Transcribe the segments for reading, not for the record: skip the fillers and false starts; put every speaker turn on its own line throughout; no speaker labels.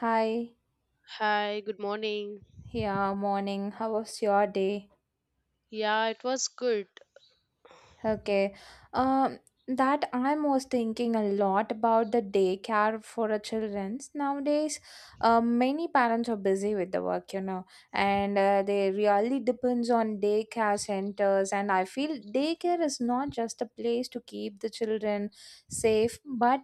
Hi,
Hi, good morning.
yeah, morning. How was your day?
Yeah, it was good.
Okay. Um, that I was thinking a lot about the daycare for the childrens nowadays. Many parents are busy with the work, you know, and they really depends on daycare centers. And I feel daycare is not just a place to keep the children safe, but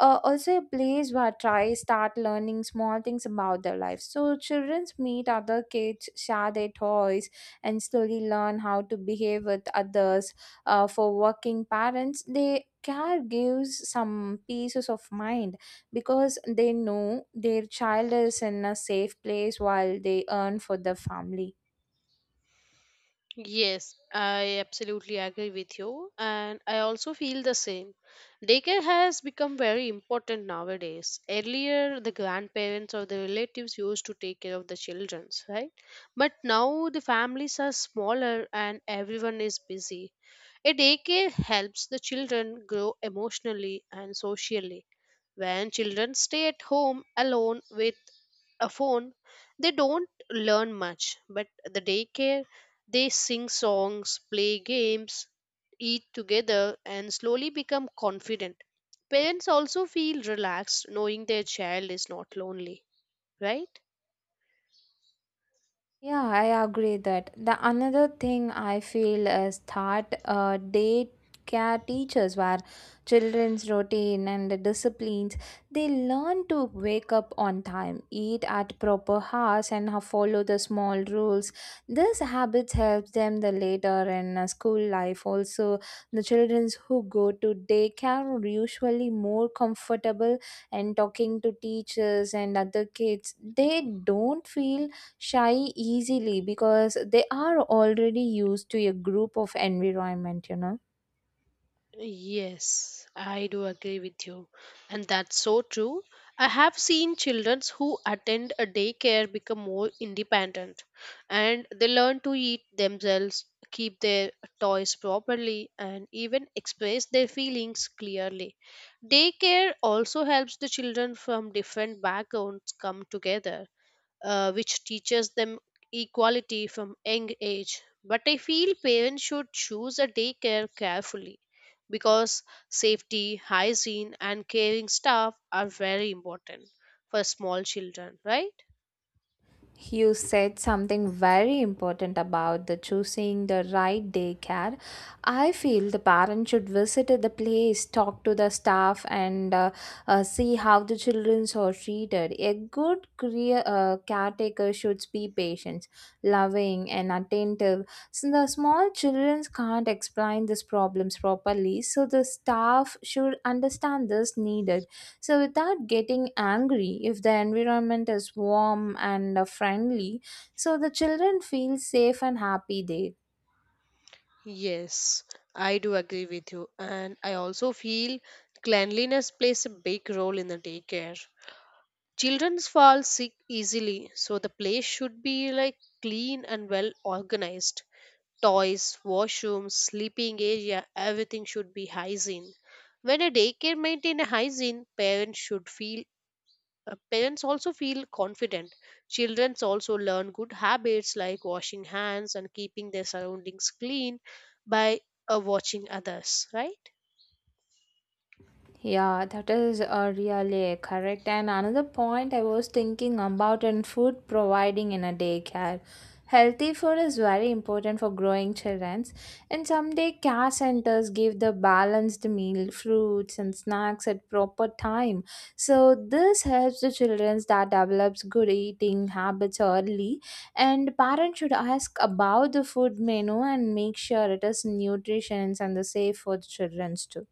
also a place where try start learning small things about their life. So childrens meet other kids, share their toys, and slowly learn how to behave with others, for working parents they care gives some pieces of mind because they know their child is in a safe place while they earn for the family.
Yes, I absolutely agree with you, and I also feel the same. Daycare has become very important nowadays. Earlier, the grandparents or the relatives used to take care of the children, right? But now the families are smaller and everyone is busy. A daycare helps the children grow emotionally and socially. When children stay at home alone with a phone, they don't learn much, but the daycare they sing songs, play games, eat together, and slowly become confident. Parents also feel relaxed knowing their child is not lonely, right?
Yeah, I agree that the another thing I feel is that daycare teachers where children's routine and the disciplines, they learn to wake up on time, eat at proper hours, and follow the small rules. This habits helps them the later in school life. Also, the childrens who go to daycare are usually more comfortable and talking to teachers and other kids. They don't feel shy easily because they are already used to a group of environment,
Yes, I do agree with you. And that's so true. I have seen children who attend a daycare become more independent and they learn to eat themselves, keep their toys properly, and even express their feelings clearly. Daycare also helps the children from different backgrounds come together, which teaches them equality from young age. But I feel parents should choose a daycare carefully because safety, hygiene, and caring staff are very important for small children, right?
You said something very important about the choosing the right daycare. I feel the parent should visit the place, talk to the staff, and see how the children are treated. A good caretaker should be patient, loving, and attentive. So the small children can't explain these problems properly, so the staff should understand this needed. So, without getting angry, if the environment is warm and friendly, so the children feel safe and happy there.
Yes, I do agree with you. And I also feel cleanliness plays a big role in the daycare. Children fall sick easily, so the place should be like clean and well organized. Toys, washrooms, sleeping area, everything should be hygiene. When a daycare maintain a hygiene, parents should feel, parents also feel confident. Children also learn good habits like washing hands and keeping their surroundings clean by watching others, right?
Yeah, that is really correct. And another point I was thinking about in food providing in a daycare. Healthy food is very important for growing children. And someday care centers give the balanced meal, fruits and snacks at proper time. So this helps the children that develops good eating habits early. And parents should ask about the food menu and make sure it is nutritious and the safe for the children too.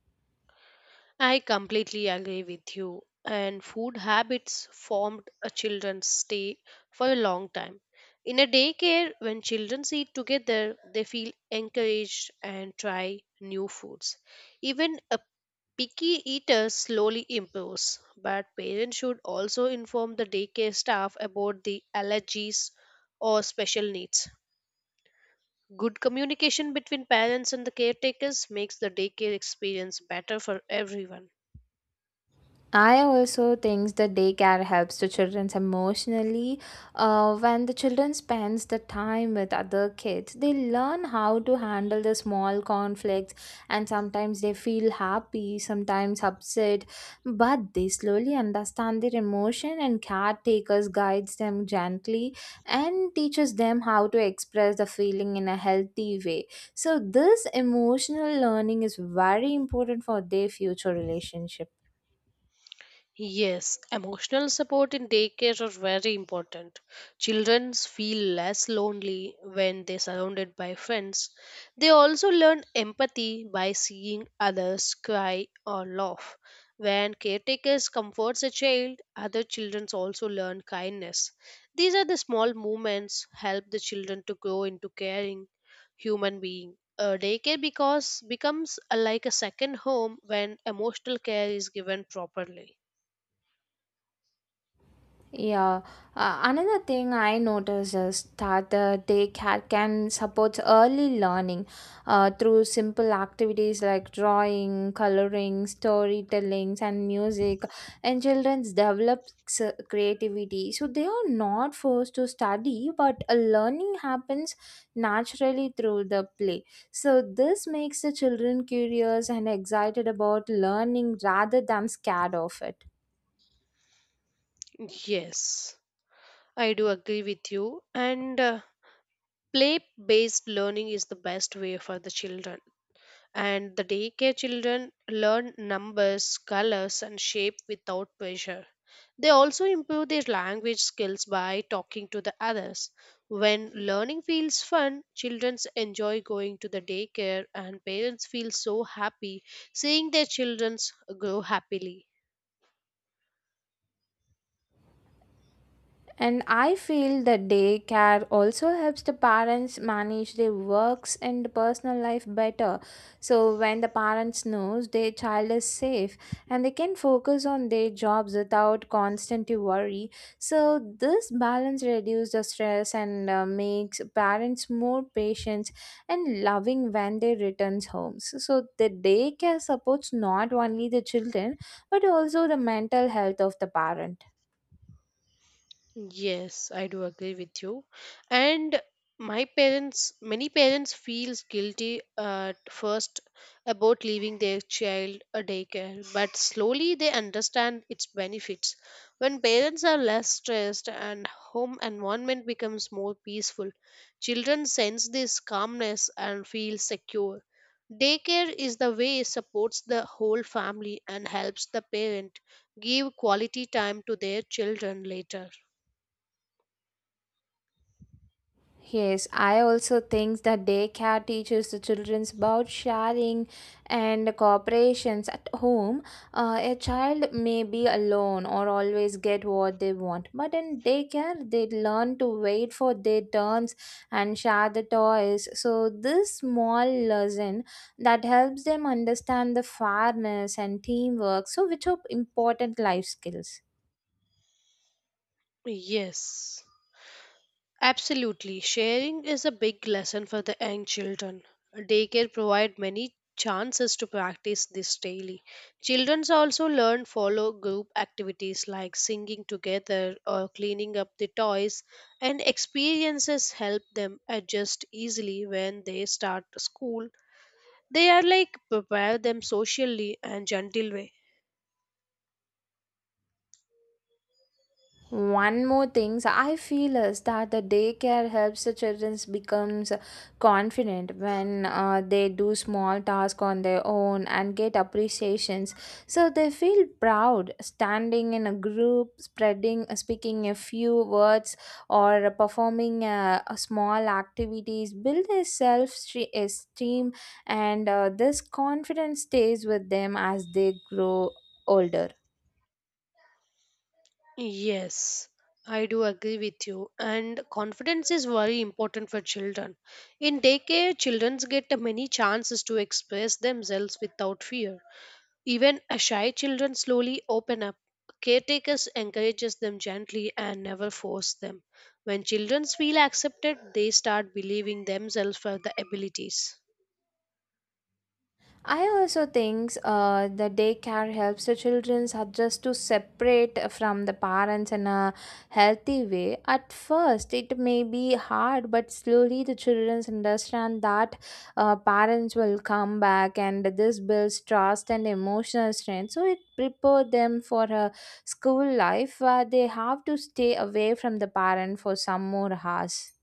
I completely agree with you. And food habits formed a children's stay for a long time. In a daycare, when children eat together, they feel encouraged and try new foods. Even a picky eater slowly improves, but parents should also inform the daycare staff about the allergies or special needs. Good communication between parents and the caretakers makes the daycare experience better for everyone.
I also think the daycare helps the children emotionally. When the children spends the time with other kids, they learn how to handle the small conflicts, and sometimes they feel happy, sometimes upset, but they slowly understand their emotion, and caretakers guides them gently and teaches them how to express the feeling in a healthy way. So this emotional learning is very important for their future relationship.
Yes, emotional support in daycare are very important. Children feel less lonely when they're surrounded by friends. They also learn empathy by seeing others cry or laugh. When caretakers comforts a child, other children also learn kindness. These are the small movements help the children to grow into caring human being. Daycare because becomes a, like a second home when emotional care is given properly.
Yeah. Another thing I noticed is that the daycare can support early learning through simple activities like drawing, coloring, storytelling, and music. And children develop creativity. So they are not forced to study, but a learning happens naturally through the play. So this makes the children curious and excited about learning rather than scared of it.
Yes, I do agree with you. And play based learning is the best way for the children. And the daycare children learn numbers, colors, and shape without pressure. They also improve their language skills by talking to the others. When learning feels fun, children enjoy going to the daycare, and parents feel so happy seeing their children grow happily.
And I feel that daycare also helps the parents manage their works and personal life better. So when the parents knows their child is safe and they can focus on their jobs without constant worry. So this balance reduces the stress and makes parents more patient and loving when they returns home. So the daycare supports not only the children but also the mental health of the parent.
Yes, I do agree with you. And my parents, many parents feels guilty at first about leaving their child a daycare, but slowly they understand its benefits. When parents are less stressed and home environment becomes more peaceful, children sense this calmness and feel secure. Daycare is the way supports the whole family and helps the parent give quality time to their children later.
Yes, I also think that daycare teaches the children about sharing and cooperations at home. A child may be alone or always get what they want, but in daycare, they learn to wait for their turns and share the toys. So, this small lesson that helps them understand the fairness and teamwork, so which are important life skills.
Yes, absolutely. Sharing is a big lesson for the young children. Daycare provide many chances to practice this daily. Children also learn follow group activities like singing together or cleaning up the toys, and experiences help them adjust easily when they start school. They are like prepare them socially and gentle way.
One more thing I feel is that the daycare helps the children becomes confident when they do small tasks on their own and get appreciations. So they feel proud standing in a group, speaking a few words, or performing a small activities. Build a self esteem, and this confidence stays with them as they grow older.
Yes, I do agree with you. And confidence is very important for children. In daycare, children get many chances to express themselves without fear. Even a shy children slowly open up. Caretakers encourages them gently and never force them. When children feel accepted, they start believing themselves for the abilities.
I also think the daycare helps the children adjust to separate from the parents in a healthy way. At first, it may be hard, but slowly the children understand that parents will come back, and this builds trust and emotional strength. So it prepares them for a school life where they have to stay away from the parent for some more hours.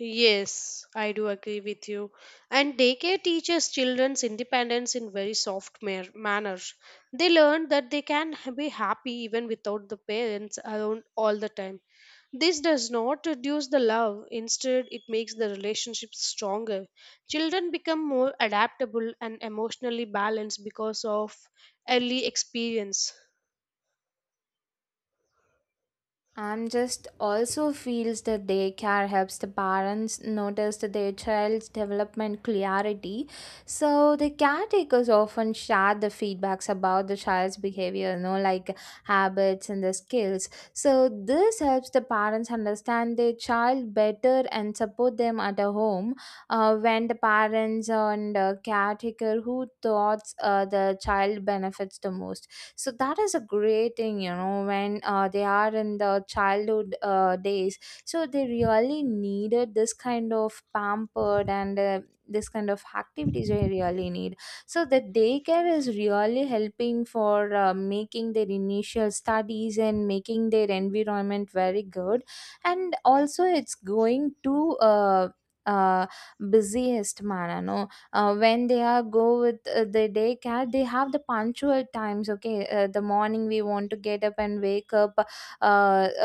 Yes, I do agree with you. And daycare teaches children's independence in very soft manner. They learn that they be happy even without the parents around all the time. This does not reduce the love, instead, it makes the relationship stronger. Children become more adaptable and emotionally balanced because of early experience.
I'm just also feels that daycare helps the parents notice that their child's development clarity. So the caretakers often share the feedbacks about the child's behavior, like habits and the skills. So this helps the parents understand their child better and support them at a home when the parents and caretaker who thoughts the child benefits the most, so that is a great thing, when they are in the childhood days, so they really needed this kind of pampered and this kind of activities they really need. So the daycare is really helping for making their initial studies and making their environment very good, and also it's going to uh, busiest manner, no? When they are go with the daycare, they have the punctual times. Okay, the morning we want to get up and wake up, uh,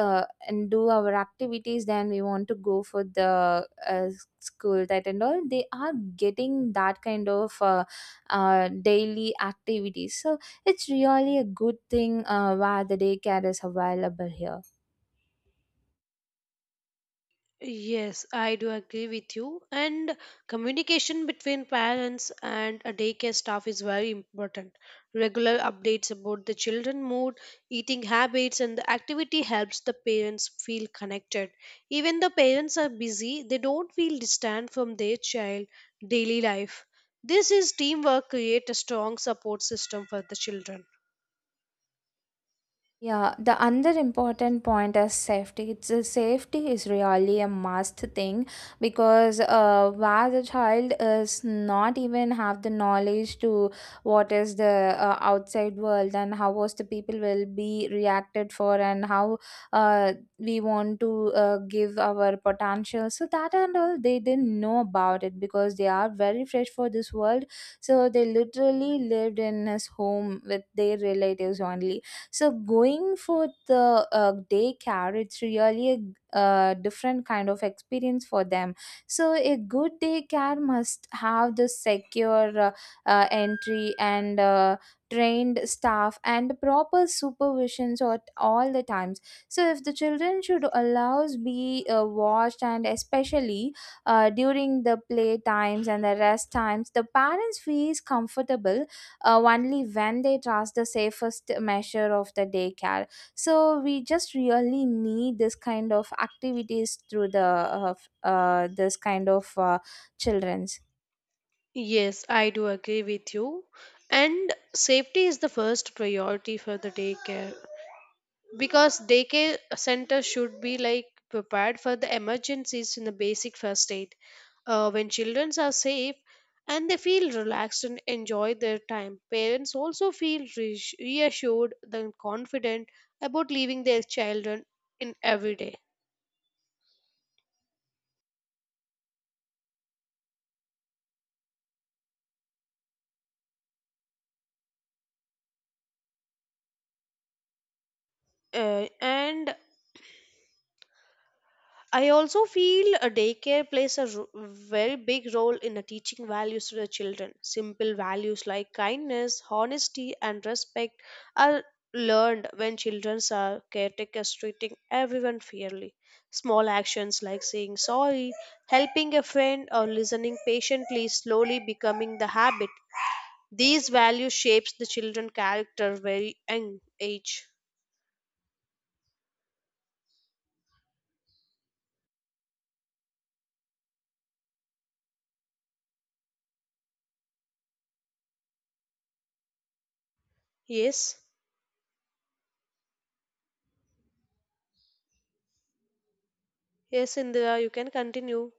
uh, and do our activities, then we want to go for the uh, school. That and all they are getting that kind of daily activities. So it's really a good thing where the daycare is available here.
Yes, I do agree with you. And communication between parents and a daycare staff is very important. Regular updates about the children' mood, eating habits, and the activity helps the parents feel connected. Even the parents are busy, they don't feel distant from their child daily life. This is teamwork create a strong support system for the children.
Yeah, the another important point is safety. It's a safety is really a must thing because where the child is not even have the knowledge to what is the outside world, and how was the people will be reacted for, and how we want to give our potential. So that and all they didn't know about it because they are very fresh for this world. So they literally lived in his home with their relatives only, so going for the daycare, it's really a different kind of experience for them. So a good daycare must have the secure entry, and trained staff, and proper supervisions at all the times. So if the children should allows be watched, and especially during the play times and the rest times, the parents feels comfortable only when they trust the safest measure of the daycare. So we just really need this kind of activities through the this kind of childrens.
Yes, I do agree with you. And safety is the first priority for the daycare, because daycare center should be like prepared for the emergencies in the basic first aid. When children are safe and they feel relaxed and enjoy their time, parents also feel reassured and confident about leaving their children in every day. And I also feel a daycare plays a very big role in the teaching values to the children. Simple values like kindness, honesty, and respect are learned when children are caretakers treating everyone fairly. Small actions like saying sorry, helping a friend, or listening patiently slowly becoming the habit. These values shapes the children character very young age. Yes, yes, Indira, you can continue.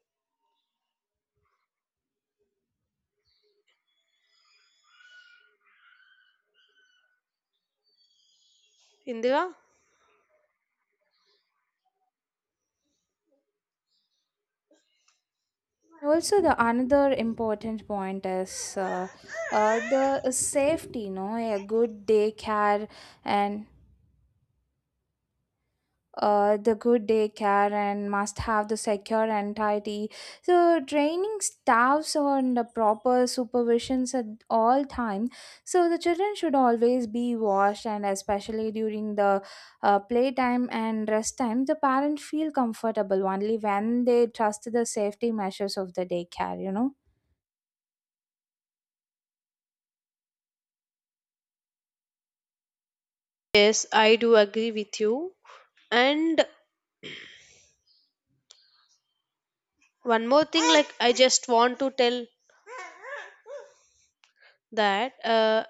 Indira.
Also, the another important point is the safety. No, a good daycare and the good daycare and must have the secure entirety. So training staffs on the proper supervisions at all time. So the children should always be washed, and especially during the playtime and rest time, the parents feel comfortable only when they trust the safety measures of the daycare,
Yes, I do agree with you. And one more thing, like I just want to tell that,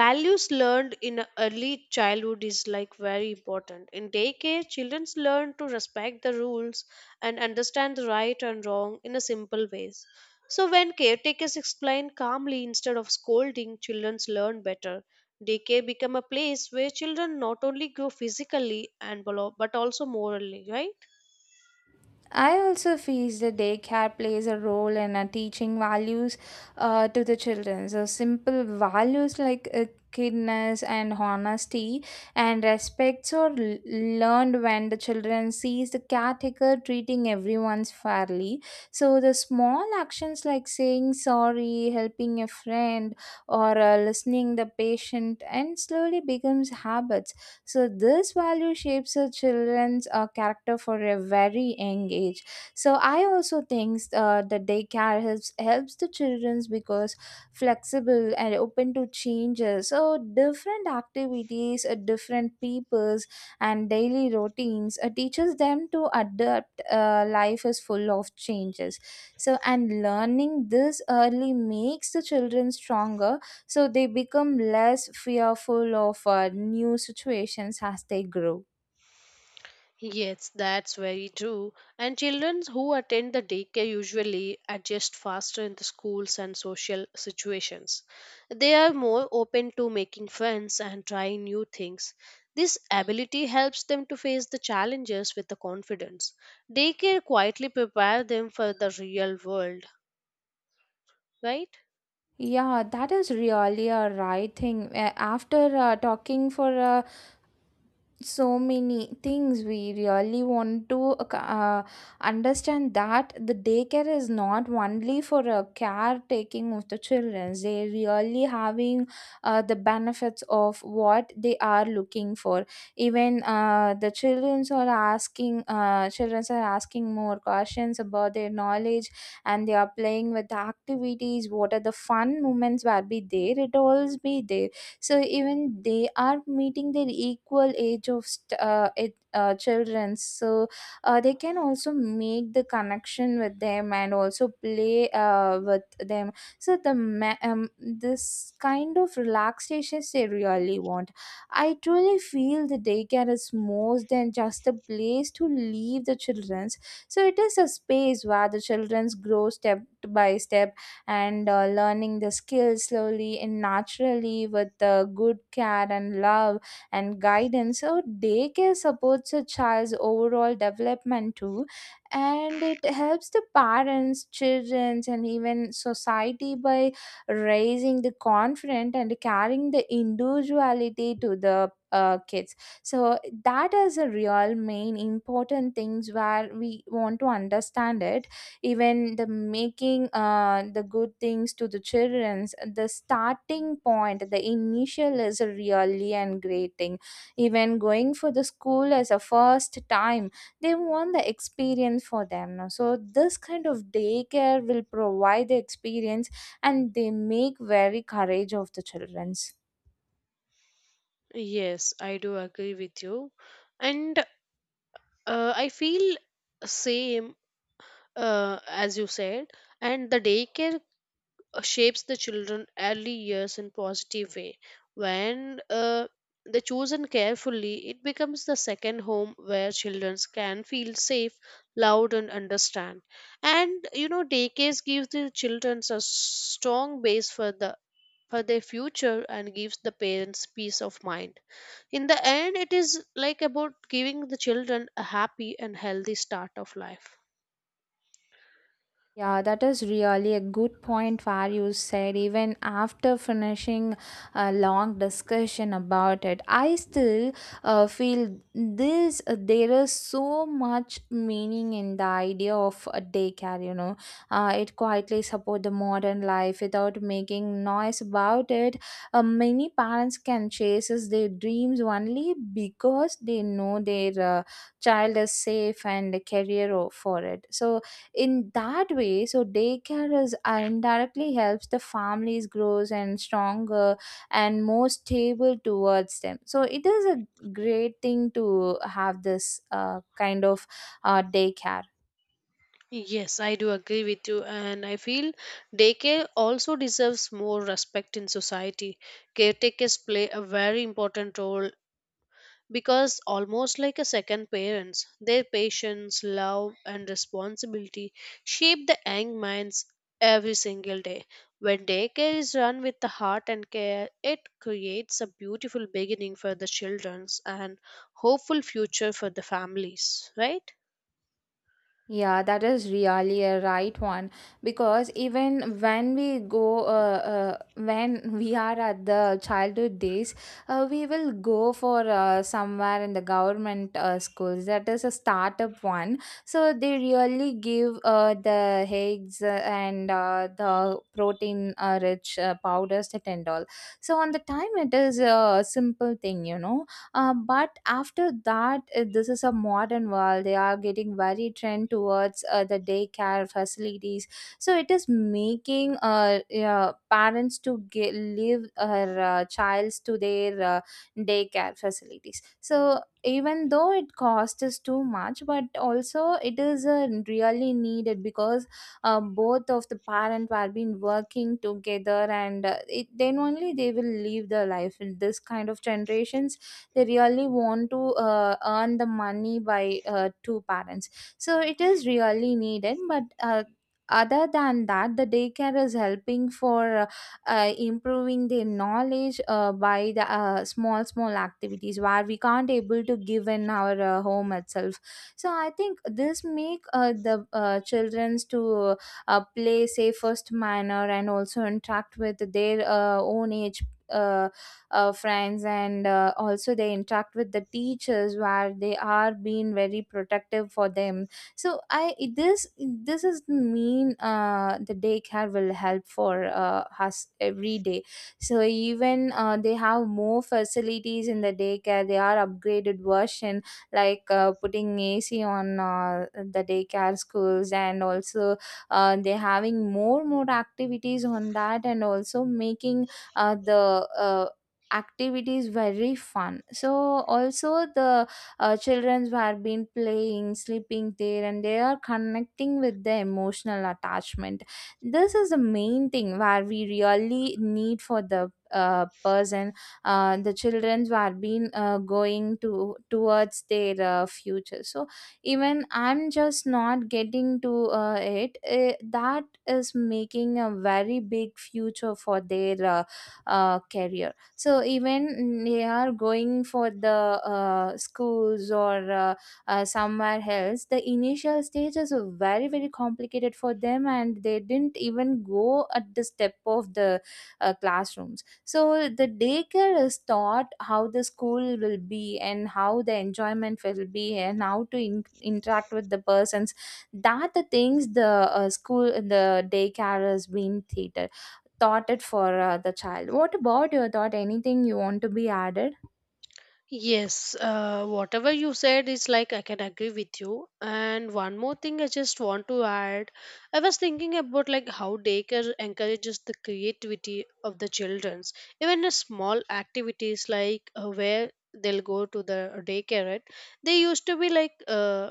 values learned in early childhood is like very important. In daycare, children learn to respect the rules and understand the right and wrong in a simple ways. So when caretakers explain calmly instead of scolding, children learn better. Daycare become a place where children not only grow physically and but also morally, right?
I also feel the daycare plays a role in teaching values to the children. So simple values like kindness and honesty and respects are learned when the children sees the caretaker treating everyone fairly. So the small actions like saying sorry, helping a friend, or listening the patient, and slowly becomes habits, so this value shapes a children's character for a very young age. So I also think the daycare helps the childrens because flexible and open to changes. So different activities, different peoples, and daily routines teaches them to adapt. Life is full of changes. So and learning this early makes the children stronger, so they become less fearful of new situations as they grow.
Yes, that's very true. And children who attend the daycare usually adjust faster in the schools and social situations. They are more open to making friends and trying new things. This ability helps them to face the challenges with the confidence. Daycare quietly prepare them for the real world, right?
Yeah, that is really a right thing. After talking for so many things, we really want to understand that the daycare is not only for a caretaking of the children. They really having the benefits of what they are looking for. Even the childrens are asking more questions about their knowledge, and they are playing with the activities. What are the fun moments will be there, it all be there. So even they are meeting their equal age of children, so they can also make the connection with them and also play with them. So the this kind of relaxations they really want. I truly feel the daycare is more than just a place to leave the children's, so it is a space where the children's grow step by step and learning the skills slowly and naturally with good care and love and guidance. So, daycare supports a child's overall development too, and it helps the parents, children, and even society by raising the confident and carrying the individuality to the kids. So that is a real main important things where we want to understand it, even the making the good things to the childrens. The starting point, the initial, is really and great thing. Even going for the school as a first time, they want the experience for them, no? So this kind of daycare will provide the experience, and they make very courage of the childrens.
Yes, I do agree with you. And I feel same as you said. And the daycare shapes the children early years in positive way when they chosen carefully, it becomes the second home where children can feel safe, loud and understand. And you know daycare gives the children a strong base for the, for their future, and gives the parents peace of mind. In the end it is like about giving the children a happy and healthy start of life.
Yeah, that is really a good point where you said. Even after finishing a long discussion about it, I still feel this there is so much meaning in the idea of a daycare. It quietly support the modern life without making noise about it. Many parents can chase their dreams only because they know their child is safe and career for it. So in that way, so daycare is indirectly helps the families grows and stronger and more stable towards them, so it is a great thing to have this kind of daycare.
Yes, I do agree with you, and I feel daycare also deserves more respect in society. Caretakers play a very important role because, almost like a second parents, their patience, love, and responsibility shape the young minds every single day. When daycare is run with the heart and care, it creates a beautiful beginning for the children and hopeful future for the families, right?
Yeah, that is really a right one, because even when we are at the childhood days, we will go for somewhere in the government schools. That is a startup one, so they really give the eggs and the protein rich powders that and all. So on the time, it is a simple thing, but after that, this is a modern world. They are getting very trend towards the daycare facilities. So it is making yeah, parents to get, leave her childs to their daycare facilities. So even though it costs us too much, but also it is really needed, because both of the parent were been working together, and then only they will live their life in this kind of generations. They really want to earn the money by two parents, so it is really needed, but other than that, the daycare is helping for improving their knowledge by the small small activities, where we can't able to give in our home itself. So I think this make the children's to play safest manner and also interact with their own age uh, friends and also they interact with the teachers where they are being very protective for them so I this this is the mean, the daycare will help for us every day. So even they have more facilities in the daycare, they are upgraded version, like putting AC on the daycare schools, and also they're having more more activities on that, and also making the activity is very fun. So also the children were been playing sleeping there, and they are connecting with the emotional attachment. This is the main thing where we really need for the person, the children who are been going to towards their future. So even I'm just not getting to it, that is making a very big future for their career. So even they are going for the schools or somewhere else, the initial stages are very very complicated for them, and they didn't even go at the step of the classrooms. So the daycare is taught how the school will be, and how the enjoyment will be, and how to interact with the persons. That the things, the school, the daycare has been theater thought it for the child. What about your thought? Anything you want to be added?
Yes, whatever you said is like I can agree with you. And one more thing I just want to add. I was thinking about like how daycare encourages the creativity of the childrens. Even a small activities like, where they'll go to the daycare, right? They used to be like uh,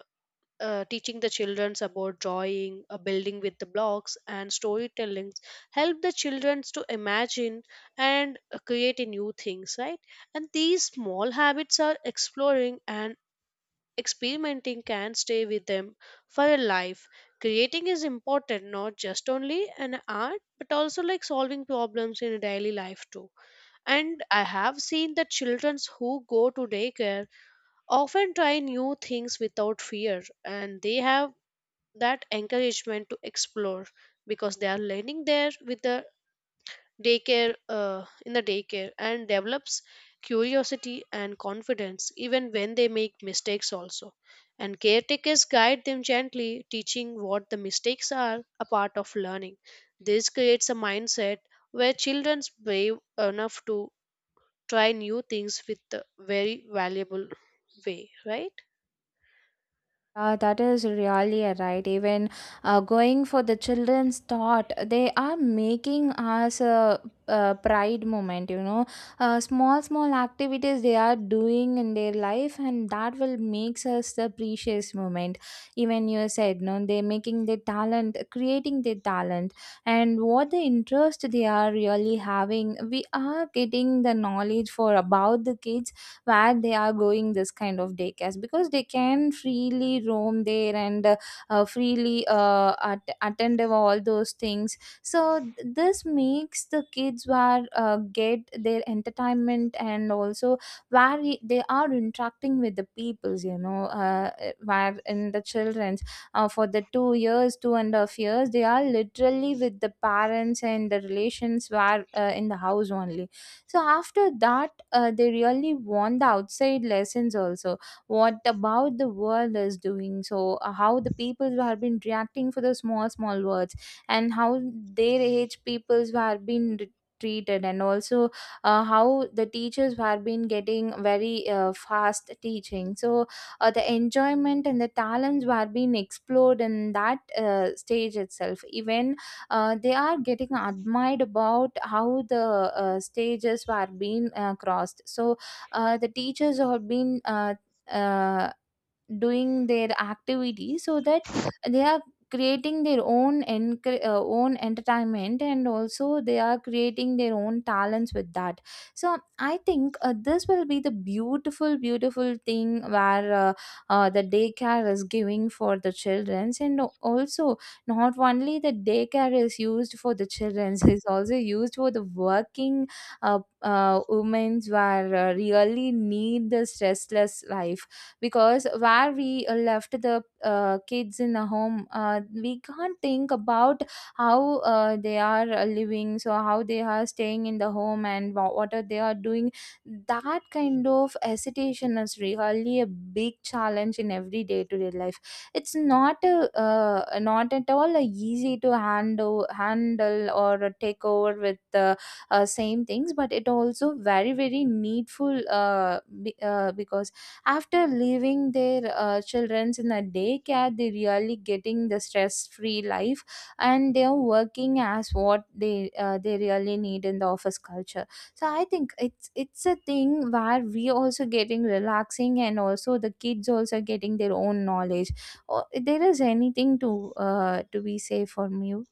uh, teaching the children about drawing, building with the blocks, and storytelling, help the children to imagine and create a new things, right? And these small habits are exploring and experimenting can stay with them for a life. Creating is important, not just only an art, but also like solving problems in daily life too. And I have seen that children who go to daycare often try new things without fear, and they have that encouragement to explore because they are learning there with the daycare, in the daycare, and develops curiosity and confidence even when they make mistakes also. And caretakers guide them gently teaching what the mistakes are a part of learning. This creates a mindset where children's brave enough to try new things with a very valuable way, right?
That is really a right. Even going for the children's thought, they are making us a pride moment. Small, small activities they are doing in their life, and that will makes us the precious moment. Even you said, no, they're making their talent, creating their talent, and what the interest they are really having. We are getting the knowledge for about the kids where they are going this kind of daycares, because they can freely roam there, and freely attend of all those things. So this makes the kids where get their entertainment, and also where they are interacting with the peoples, where in the children's, for the 2.5 years, they are literally with the parents, and the relations were in the house only. So after that, they really want the outside lessons also, what about the world is doing. So how the people who have been reacting for the small small words, and how their age peoples who have been treated, and also how the teachers who have been getting very fast teaching. So the enjoyment and the talents were being explored in that stage itself. Even they are getting admired about how the stages were being crossed. So the teachers have been uh, doing their activity, so that they are creating their own own entertainment, and also they are creating their own talents with that. So I think this will be the beautiful beautiful thing where the daycare is giving for the childrens, and also not only the daycare is used for the childrens, is also used for the working women who are really need this restless life. Because where we left the kids in the home, we can't think about how they are living, so how they are staying in the home, and what are they are doing. That kind of hesitation is really a big challenge in every day to day life. It's not not at all a easy to handle or take over with the same things, but it also very very needful, because after leaving their childrens in a daycare, they really getting the stress free life, and they are working as what they really need in the office culture. So I think it's a thing where we also getting relaxing, and also the kids also getting their own knowledge. Or there is anything to be say from you?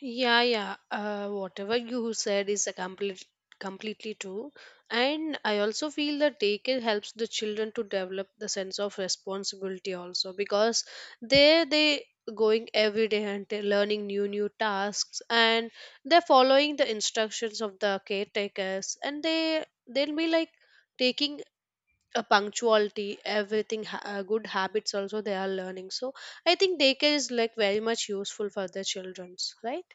Yeah. Whatever you said is a completely true. And I also feel that daycare helps the children to develop the sense of responsibility also, because they going every day and they're learning new tasks, and they're following the instructions of the caretakers, and they'll be like taking a punctuality, everything good habits also they are learning. So I think daycare is like very much useful for the childrens, right?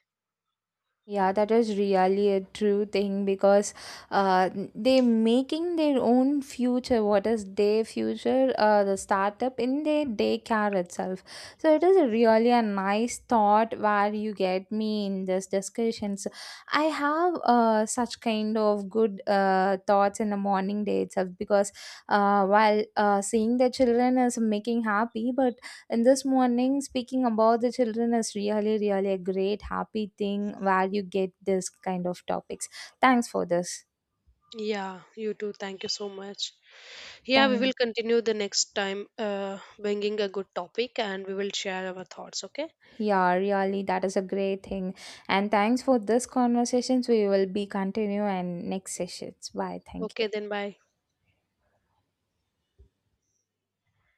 Yeah, that is really a true thing, because uh, they making their own future. What is their future? The startup in their daycare itself. So it is a really a nice thought where you get me in this discussions. I have such kind of good thoughts in the morning day itself, because while seeing the children is making happy, but and this morning, speaking about the children is really, really a great, happy thing where you get this kind of topics. Thanks for this.
Yeah, you too. Thank you so much. Yeah, we will
Thank
continue the next time, bringing a good topic and we will share our thoughts. Okay.
yeah, really, that is a great thing. And thanks for this conversations. We will be continue and next sessions. Bye. Thank you.
Okay, then bye.